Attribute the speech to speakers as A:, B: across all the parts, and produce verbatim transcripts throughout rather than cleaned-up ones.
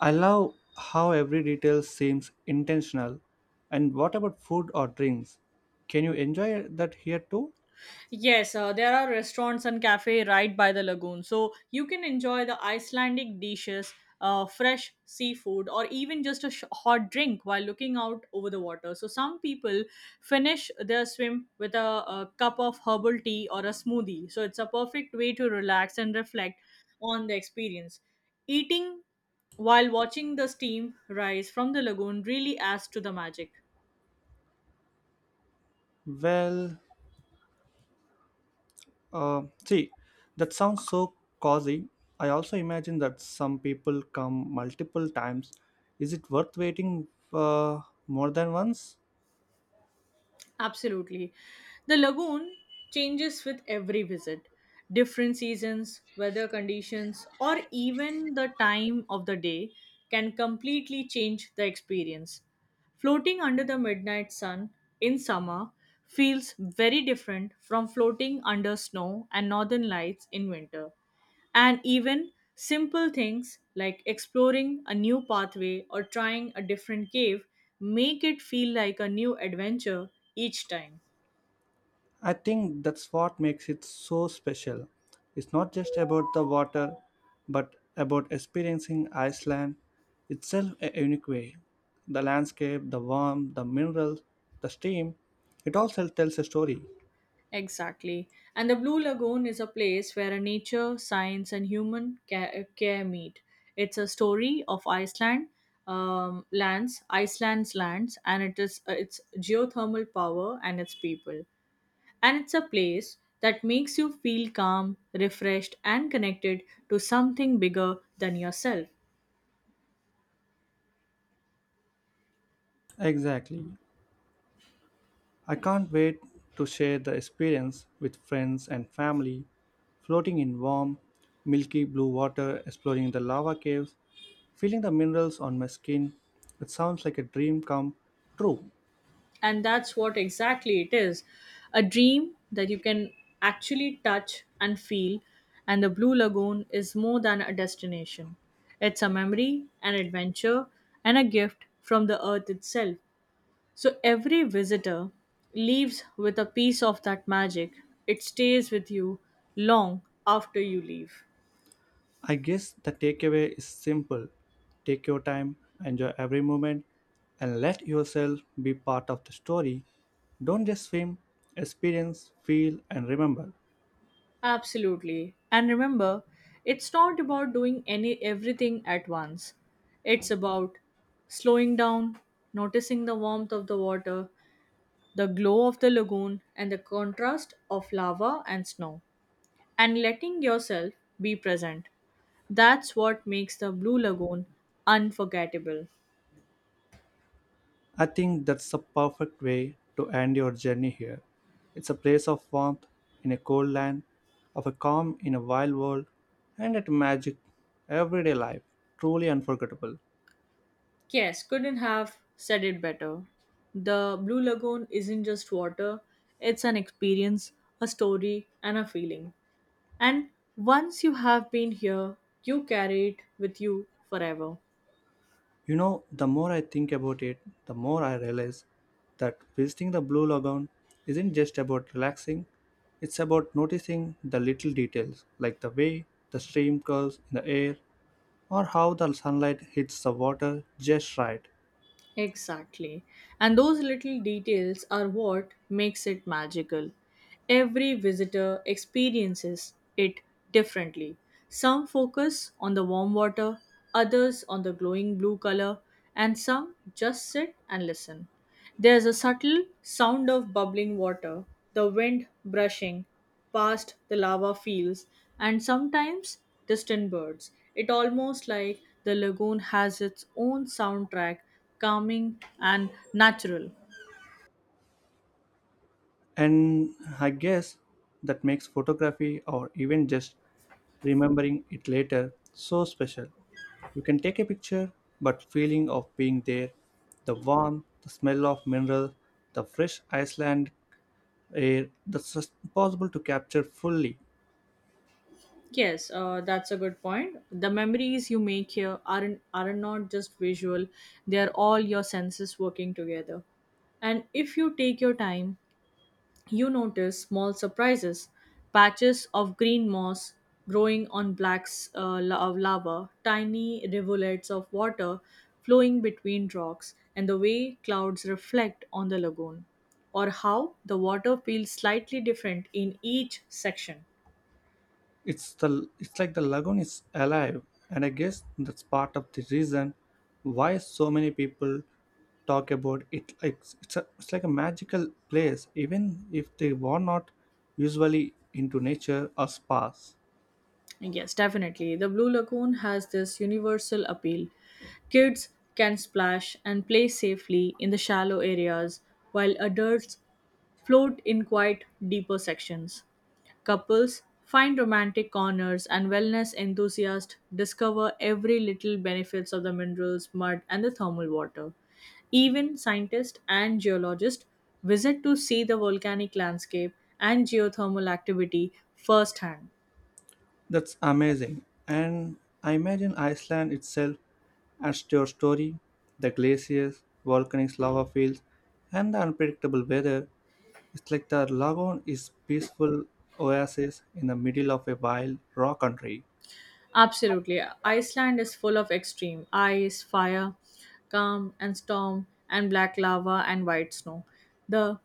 A: I love how every detail seems intentional. And what about food or drinks? Can you enjoy that here too?
B: Yes, uh, there are restaurants and cafe right by the lagoon, so you can enjoy the Icelandic dishes, uh, fresh seafood, or even just a sh- hot drink while looking out over the water. So some people finish their swim with a, a cup of herbal tea or a smoothie. So it's a perfect way to relax and reflect on the experience. Eating while watching the steam rise from the lagoon really adds to the magic.
A: Well, uh, see, that sounds so cozy. I also imagine that some people come multiple times. Is it worth waiting uh, more than once?
B: Absolutely. The lagoon changes with every visit. Different seasons, weather conditions, or even the time of the day can completely change the experience. Floating under the midnight sun in summer feels very different from floating under snow and northern lights in winter. And even simple things like exploring a new pathway or trying a different cave make it feel like a new adventure each time.
A: I think that's what makes it so special. It's not just about the water, but about experiencing Iceland itself a unique way. The landscape, the warmth, the minerals, the steam, it all tell- tells a story.
B: Exactly. And the Blue Lagoon is a place where nature, science, and human ca- care meet. It's a story of Iceland um, lands, Iceland's lands, and it is uh, its geothermal power and its people. And it's a place that makes you feel calm, refreshed, and connected to something bigger than yourself.
A: Exactly. I can't wait to share the experience with friends and family, floating in warm, milky blue water, exploring the lava caves, feeling the minerals on my skin. It sounds like a dream come true.
B: And that's what exactly it is a dream that you can actually touch and feel. And the Blue Lagoon is more than a destination, it's a memory, an adventure, and a gift from the earth itself. So every visitor leaves with a piece of that magic. It stays with you long after you leave.
A: I guess the takeaway is simple: take your time, enjoy every moment, and let yourself be part of the story. Don't just swim, experience, feel, and remember.
B: Absolutely. And remember, it's not about doing any everything at once. It's about slowing down, noticing the warmth of the water, the glow of the lagoon, and the contrast of lava and snow, and letting yourself be present. That's what makes the Blue Lagoon unforgettable.
A: I think that's the perfect way to end your journey here. It's a place of warmth in a cold land, of a calm in a wild world, and at magic everyday life, truly unforgettable.
B: Yes, couldn't have said it better. The Blue Lagoon isn't just water, it's an experience, a story, and a feeling. And once you have been here, you carry it with you forever.
A: You know, the more I think about it, the more I realize that visiting the Blue Lagoon isn't just about relaxing, it's about noticing the little details, like the way the stream curves in the air or how the sunlight hits the water just right.
B: Exactly. And those little details are what makes it magical. Every visitor experiences it differently. Some focus on the warm water, others on the glowing blue color, and some just sit and listen. There's a subtle sound of bubbling water, the wind brushing past the lava fields, and sometimes distant birds. It almost like the lagoon has its own soundtrack, calming and natural.
A: And I guess that makes photography or even just remembering it later so special. You can take a picture, but feeling of being there, the warmth, the smell of mineral, the fresh Iceland air, that's just impossible to capture fully.
B: Yes, uh, that's a good point. The memories you make here aren't are not just visual; they are all your senses working together. And if you take your time you notice small surprises, patches of green moss growing on black s- uh, la- lava, tiny rivulets of water flowing between rocks, and the way clouds reflect on the lagoon, or how the water feels slightly different in each section.
A: It's the it's like the lagoon is alive, and I guess that's part of the reason why so many people talk about it like it's, a, it's like a magical place even if they were not usually into nature or spas.
B: Yes, definitely. The Blue Lagoon has this universal appeal. Kids can splash and play safely in the shallow areas, while adults float in quite deeper sections. Couples find romantic corners, and wellness enthusiasts discover every little benefits of the minerals, mud, and the thermal water. Even scientists and geologists visit to see the volcanic landscape and geothermal activity firsthand.
A: That's amazing, and I imagine Iceland itself as your story, the glaciers, volcanic lava fields, and the unpredictable weather. It's like the lagoon is peaceful oasis in the middle of a wild raw country.
B: Absolutely. Iceland is full of extreme ice, fire, calm and storm, and black lava and white snow. The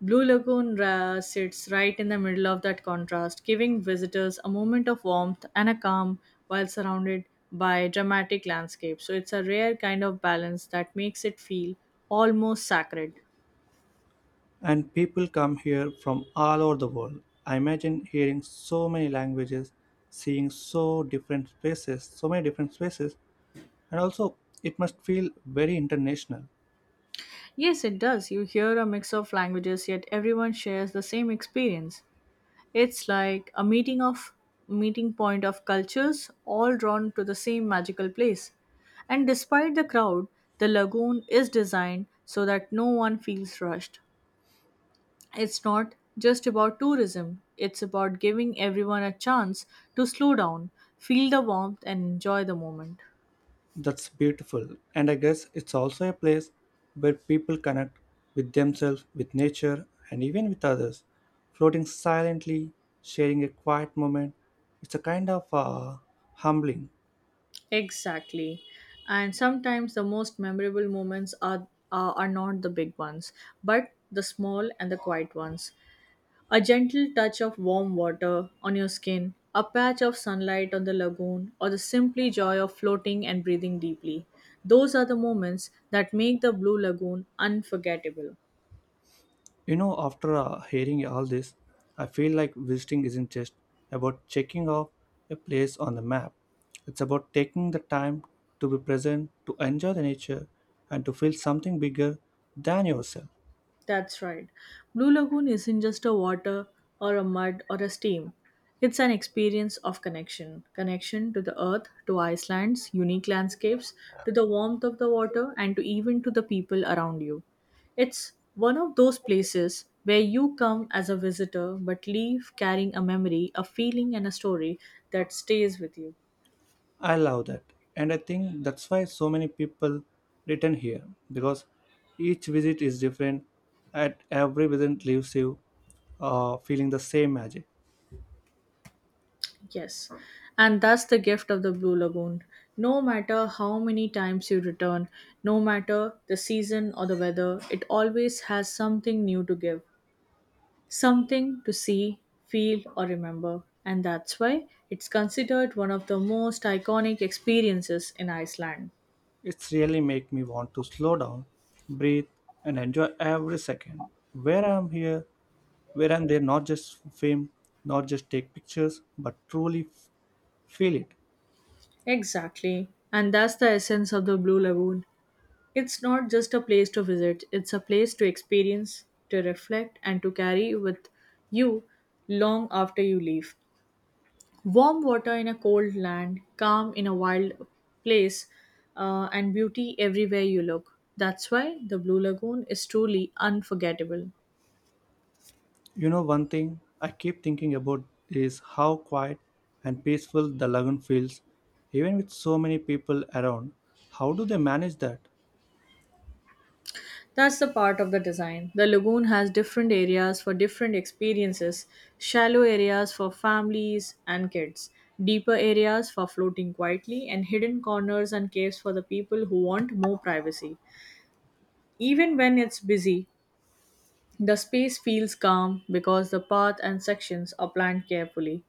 B: Blue Lagoon ra- sits right in the middle of that contrast, giving visitors a moment of warmth and a calm while surrounded by dramatic landscapes. So it's a rare kind of balance that makes it feel almost sacred.
A: And people come here from all over the world. I imagine hearing so many languages, seeing so different spaces, so many different spaces, and also it must feel very international.
B: Yes, it does. You hear a mix of languages, yet everyone shares the same experience. It's like a meeting of meeting point of cultures all drawn to the same magical place. And despite the crowd, the lagoon is designed so that no one feels rushed. It's not just about tourism, it's about giving everyone a chance to slow down, feel the warmth and enjoy the moment.
A: That's beautiful. And I guess it's also a place where people connect with themselves, with nature, and even with others. Floating silently, sharing a quiet moment, it's a kind of uh, humbling.
B: Exactly. And sometimes the most memorable moments are are, are not the big ones, but the small and the quiet ones. A gentle touch of warm water on your skin, a patch of sunlight on the lagoon, or the simply joy of floating and breathing deeply. Those are the moments that make the Blue Lagoon unforgettable.
A: You know, after uh, hearing all this, I feel like visiting isn't just about checking off a place on the map. It's about taking the time to be present, to enjoy the nature, and to feel something bigger than yourself.
B: That's right. Blue Lagoon isn't just a water or a mud or a steam. It's an experience of connection. Connection to the earth, to Iceland's unique landscapes, to the warmth of the water, and to even to the people around you. It's one of those places where you come as a visitor but leave carrying a memory, a feeling, and a story that stays with you.
A: I love that. And I think that's why so many people return here because each visit is different. At every visit leaves you uh, feeling the same magic.
B: Yes, and that's the gift of the Blue Lagoon. No matter how many times you return, no matter the season or the weather, it always has something new to give, something to see, feel, or remember. And that's why it's considered one of the most iconic experiences in Iceland.
A: It's really make me want to slow down, breathe, and enjoy every second. Where I'm here, where I'm there, not just for fame, not just take pictures, but truly f- feel it.
B: Exactly. And that's the essence of the Blue Lagoon. It's not just a place to visit, it's a place to experience, to reflect, and to carry with you long after you leave. Warm water in a cold land, calm in a wild place, uh, and beauty everywhere you look. That's why the Blue Lagoon is truly unforgettable.
A: You know, one thing I keep thinking about is how quiet and peaceful the lagoon feels, even with so many people around. How do they manage that?
B: That's the part of the design. The lagoon has different areas for different experiences shallow areas for families and kids, deeper areas for floating quietly, and hidden corners and caves for the people who want more privacy. Even when it's busy, the space feels calm because the path and sections are planned carefully.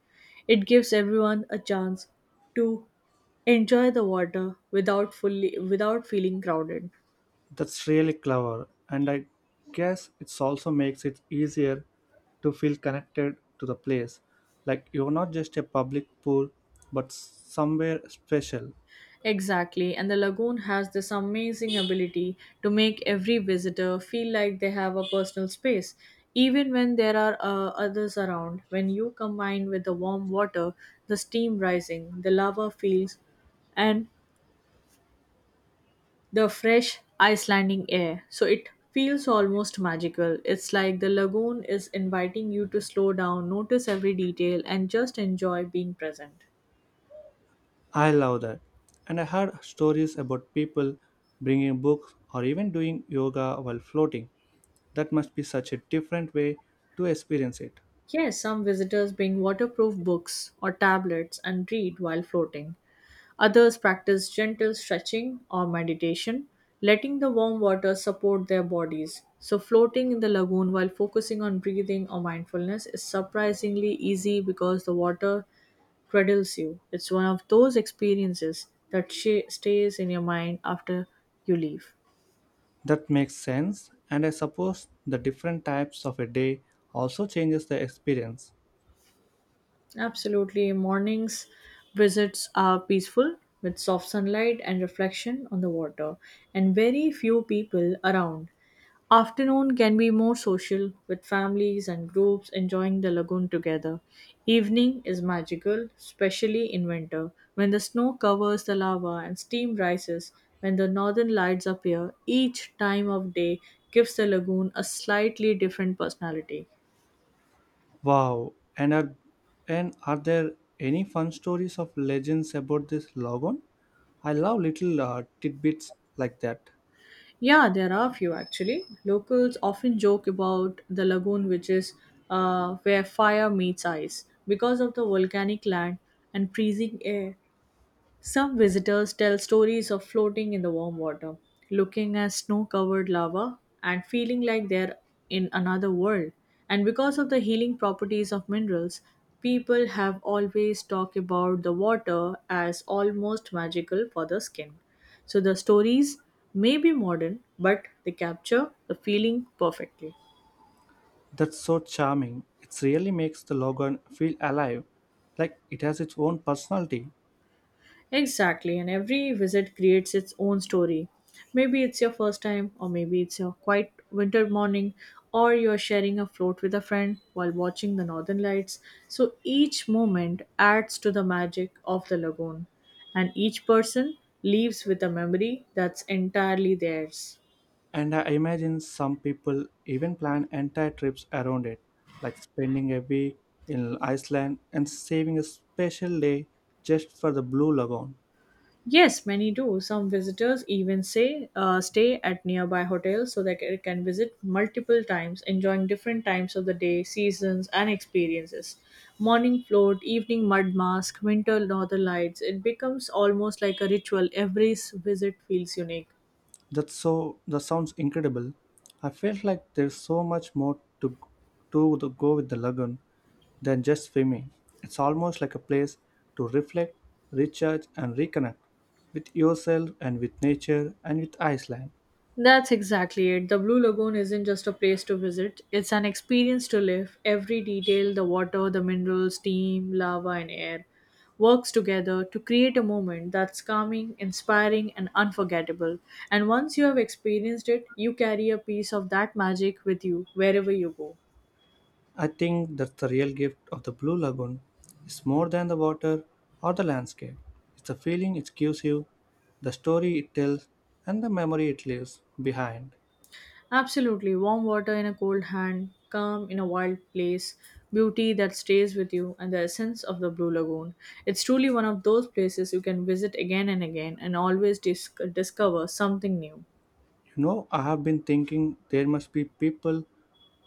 B: It gives everyone a chance to enjoy the water without fully without feeling crowded.
A: That's really clever, and I guess it also makes it easier to feel connected to the place. Like you're not just a public pool, but somewhere special.
B: Exactly, and the lagoon has this amazing ability to make every visitor feel like they have a personal space, even when there are uh, others around. When you combine with the warm water, the steam rising, the lava fields, and the fresh Icelandic air, so it feels almost magical. It's like the lagoon is inviting you to slow down, notice every detail, and just enjoy being present.
A: I love that. And I heard stories about people bringing books or even doing yoga while floating. That must be such a different way to experience it.
B: Yes, some visitors bring waterproof books or tablets and read while floating. Others practice gentle stretching or meditation, letting the warm water support their bodies. So, floating in the lagoon while focusing on breathing or mindfulness is surprisingly easy because the water cradles you. It's one of those experiences that sh- stays in your mind after you leave.
A: That makes sense, and I suppose the different types of a day also changes the experience.
B: Absolutely. Mornings visits are peaceful with soft sunlight and reflection on the water, and very few people around. Afternoon can be more social with families and groups enjoying the lagoon together. Evening is magical, especially in winter, when the snow covers the lava and steam rises when the northern lights appear. Each time of day gives the lagoon a slightly different personality.
A: Wow, and are, and are there any fun stories of legends about this logon? I love little uh, tidbits like that.
B: Yeah, there are a few actually. Locals often joke about the lagoon, which is uh, where fire meets ice because of the volcanic land and freezing air. Some visitors tell stories of floating in the warm water, looking at snow covered lava, and feeling like they're in another world. And because of the healing properties of minerals, people have always talked about the water as almost magical for the skin. So the stories may be modern, but they capture the feeling perfectly.
A: That's so charming. It really makes the logon feel alive, like it has its own personality.
B: Exactly, and every visit creates its own story. Maybe it's your first time, or maybe it's your quiet winter morning, or you're sharing a float with a friend while watching the northern lights. So each moment adds to the magic of the lagoon, and each person leaves with a memory that's entirely theirs.
A: And I imagine some people even plan entire trips around it, like spending a week in Iceland and saving a special day just for the Blue Lagoon.
B: Yes, many do. Some visitors even say uh, stay at nearby hotels so they ca- can visit multiple times, enjoying different times of the day, seasons, and experiences. Morning float, evening mud mask, winter northern lights. It becomes almost like a ritual. Every s- visit feels unique.
A: That's so that sounds incredible. I felt like there's so much more to to the, go with the lagoon than just swimming. It's almost like a place to reflect, recharge, and reconnect with yourself and with nature and with Iceland.
B: That's exactly it. The Blue Lagoon isn't just a place to visit, it's an experience to live. Every detail the water, the minerals, steam, lava, and air works together to create a moment that's calming, inspiring, and unforgettable. And once you have experienced it, you carry a piece of that magic with you wherever you go.
A: I think that's the real gift of the Blue Lagoon. It's more than the water or the landscape. It's the feeling it gives you, the story it tells, and the memory it leaves behind.
B: Absolutely. Warm water in a cold hand, calm in a wild place, beauty that stays with you, and the essence of the Blue Lagoon. It's truly one of those places you can visit again and again and always dis- discover something new.
A: You know, I have been thinking there must be people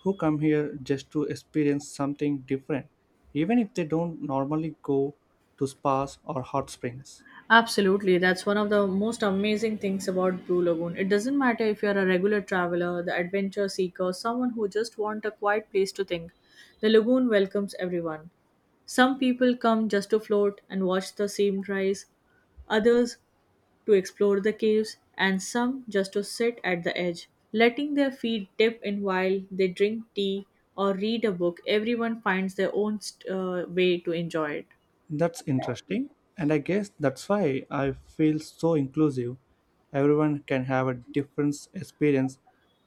A: who come here just to experience something different, even if they don't normally go to spas or hot springs.
B: Absolutely. That's one of the most amazing things about Blue Lagoon. It doesn't matter if you're a regular traveler, the adventure seeker, someone who just wants a quiet place to think. The lagoon welcomes everyone. Some people come just to float and watch the sea rise. Others to explore the caves, and some just to sit at the edge, letting their feet dip in while they drink tea or read a book. Everyone finds their own st- uh, way to enjoy it.
A: That's interesting, and I guess that's why I feel so inclusive. Everyone can have a different experience,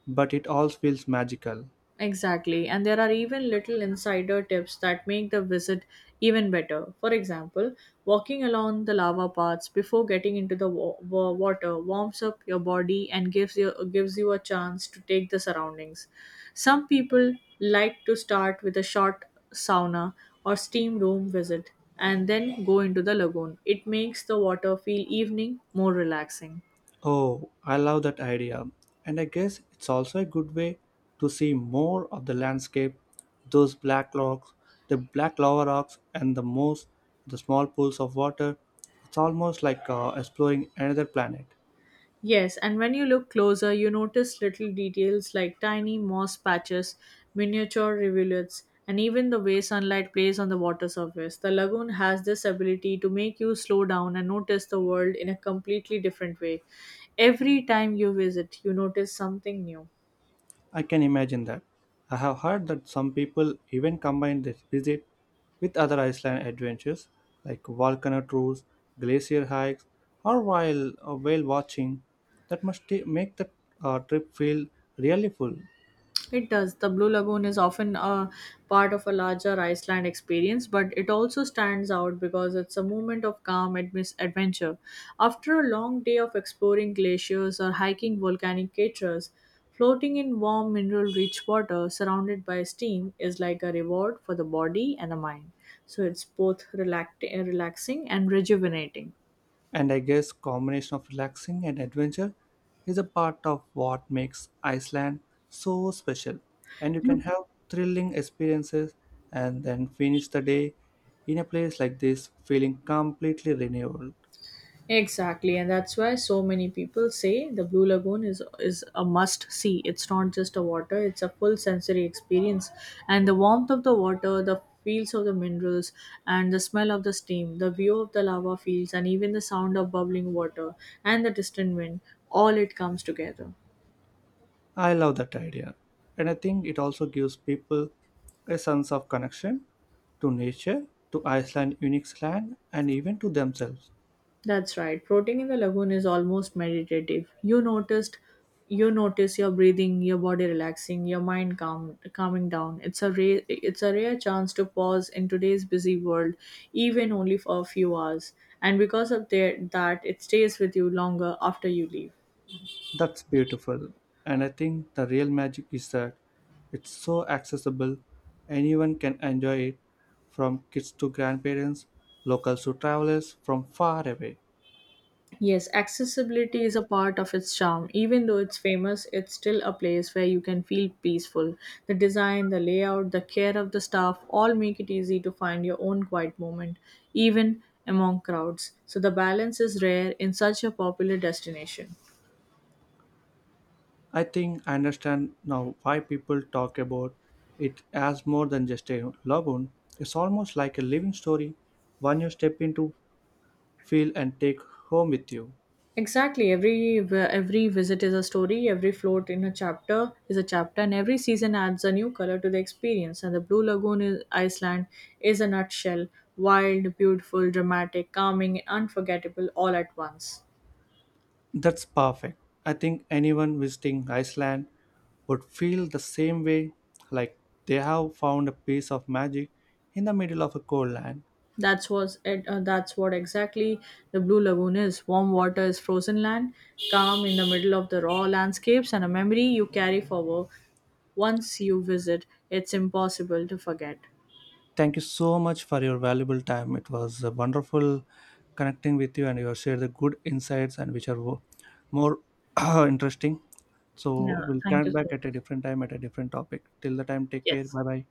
A: but it all feels magical.
B: Exactly, and there are even little insider tips that make the visit even better. For example, walking along the lava paths before getting into the wa- wa- water warms up your body and gives you gives you a chance to take the surroundings. Some people like to start with a short sauna or steam room visit and then go into the lagoon. It makes the water feel evening more relaxing.
A: Oh, I love that idea, and I guess it's also a good way to see more of the landscape, those black rocks, the black lava rocks, and the most the small pools of water. It's almost like uh, exploring another planet.
B: Yes, and when you look closer, you notice little details like tiny moss patches, miniature rivulets, and even the way sunlight plays on the water surface. The lagoon has this ability to make you slow down and notice the world in a completely different way. Every time you visit, you notice something new.
A: I can imagine that. I have heard that some people even combine this visit with other Iceland adventures like volcano tours, glacier hikes, or while uh, whale watching. That must ta- make the uh, trip feel really full.
B: It does. The Blue Lagoon is often a part of a larger Iceland experience, but it also stands out because it's a moment of calm admis- adventure. After a long day of exploring glaciers or hiking volcanic craters, floating in warm mineral rich water surrounded by steam is like a reward for the body and the mind. So it's both relact- relaxing and rejuvenating.
A: And I guess combination of relaxing and adventure is a part of what makes Iceland so special. And you can have thrilling experiences and then finish the day in a place like this feeling completely renewed.
B: Exactly, and that's why so many people say the Blue Lagoon is is a must see. It's not just a water; it's a full sensory experience. And the warmth of the water, the feels of the minerals, and the smell of the steam, the view of the lava fields, and even the sound of bubbling water and the distant wind—all it comes together.
A: I love that idea. And I think it also gives people a sense of connection to nature, to Iceland unique land, and even to themselves.
B: That's right. Floating in the lagoon is almost meditative. You noticed you notice your breathing, your body relaxing, your mind calm, calming down. It's a rare, it's a rare chance to pause in today's busy world, even only for a few hours. And because of the, that, it stays with you longer after you leave.
A: That's beautiful. And I think the real magic is that it's so accessible. Anyone can enjoy it, from kids to grandparents, locals to travelers from far away.
B: Yes, accessibility is a part of its charm. Even though it's famous, it's still a place where you can feel peaceful. The design, the layout, the care of the staff all make it easy to find your own quiet moment, even among crowds. So the balance is rare in such a popular destination.
A: I think I understand now why people talk about it as more than just a lagoon. It's almost like a living story, one you step into, feel, and take home with you.
B: Exactly. Every v- every visit is a story. Every float in a chapter is a chapter, and every season adds a new color to the experience. And the Blue Lagoon is Iceland is a nutshell: wild, beautiful, dramatic, calming, unforgettable, all at once.
A: That's perfect. I think anyone visiting Iceland would feel the same way, like they have found a piece of magic in the middle of a cold land.
B: That's was it. Uh, that's what exactly the Blue Lagoon is. Warm water is frozen land, calm in the middle of the raw landscapes, and a memory you carry forward. Once you visit, it's impossible to forget.
A: Thank you so much for your valuable time. It was uh, wonderful connecting with you, and you have shared the good insights and which are wo- more interesting.
B: Yeah.
A: So we'll
B: Thank
A: connect
B: you so
A: back
B: much.
A: at a different time at a different topic. Till the time, take care.
B: Yes.
A: Bye bye.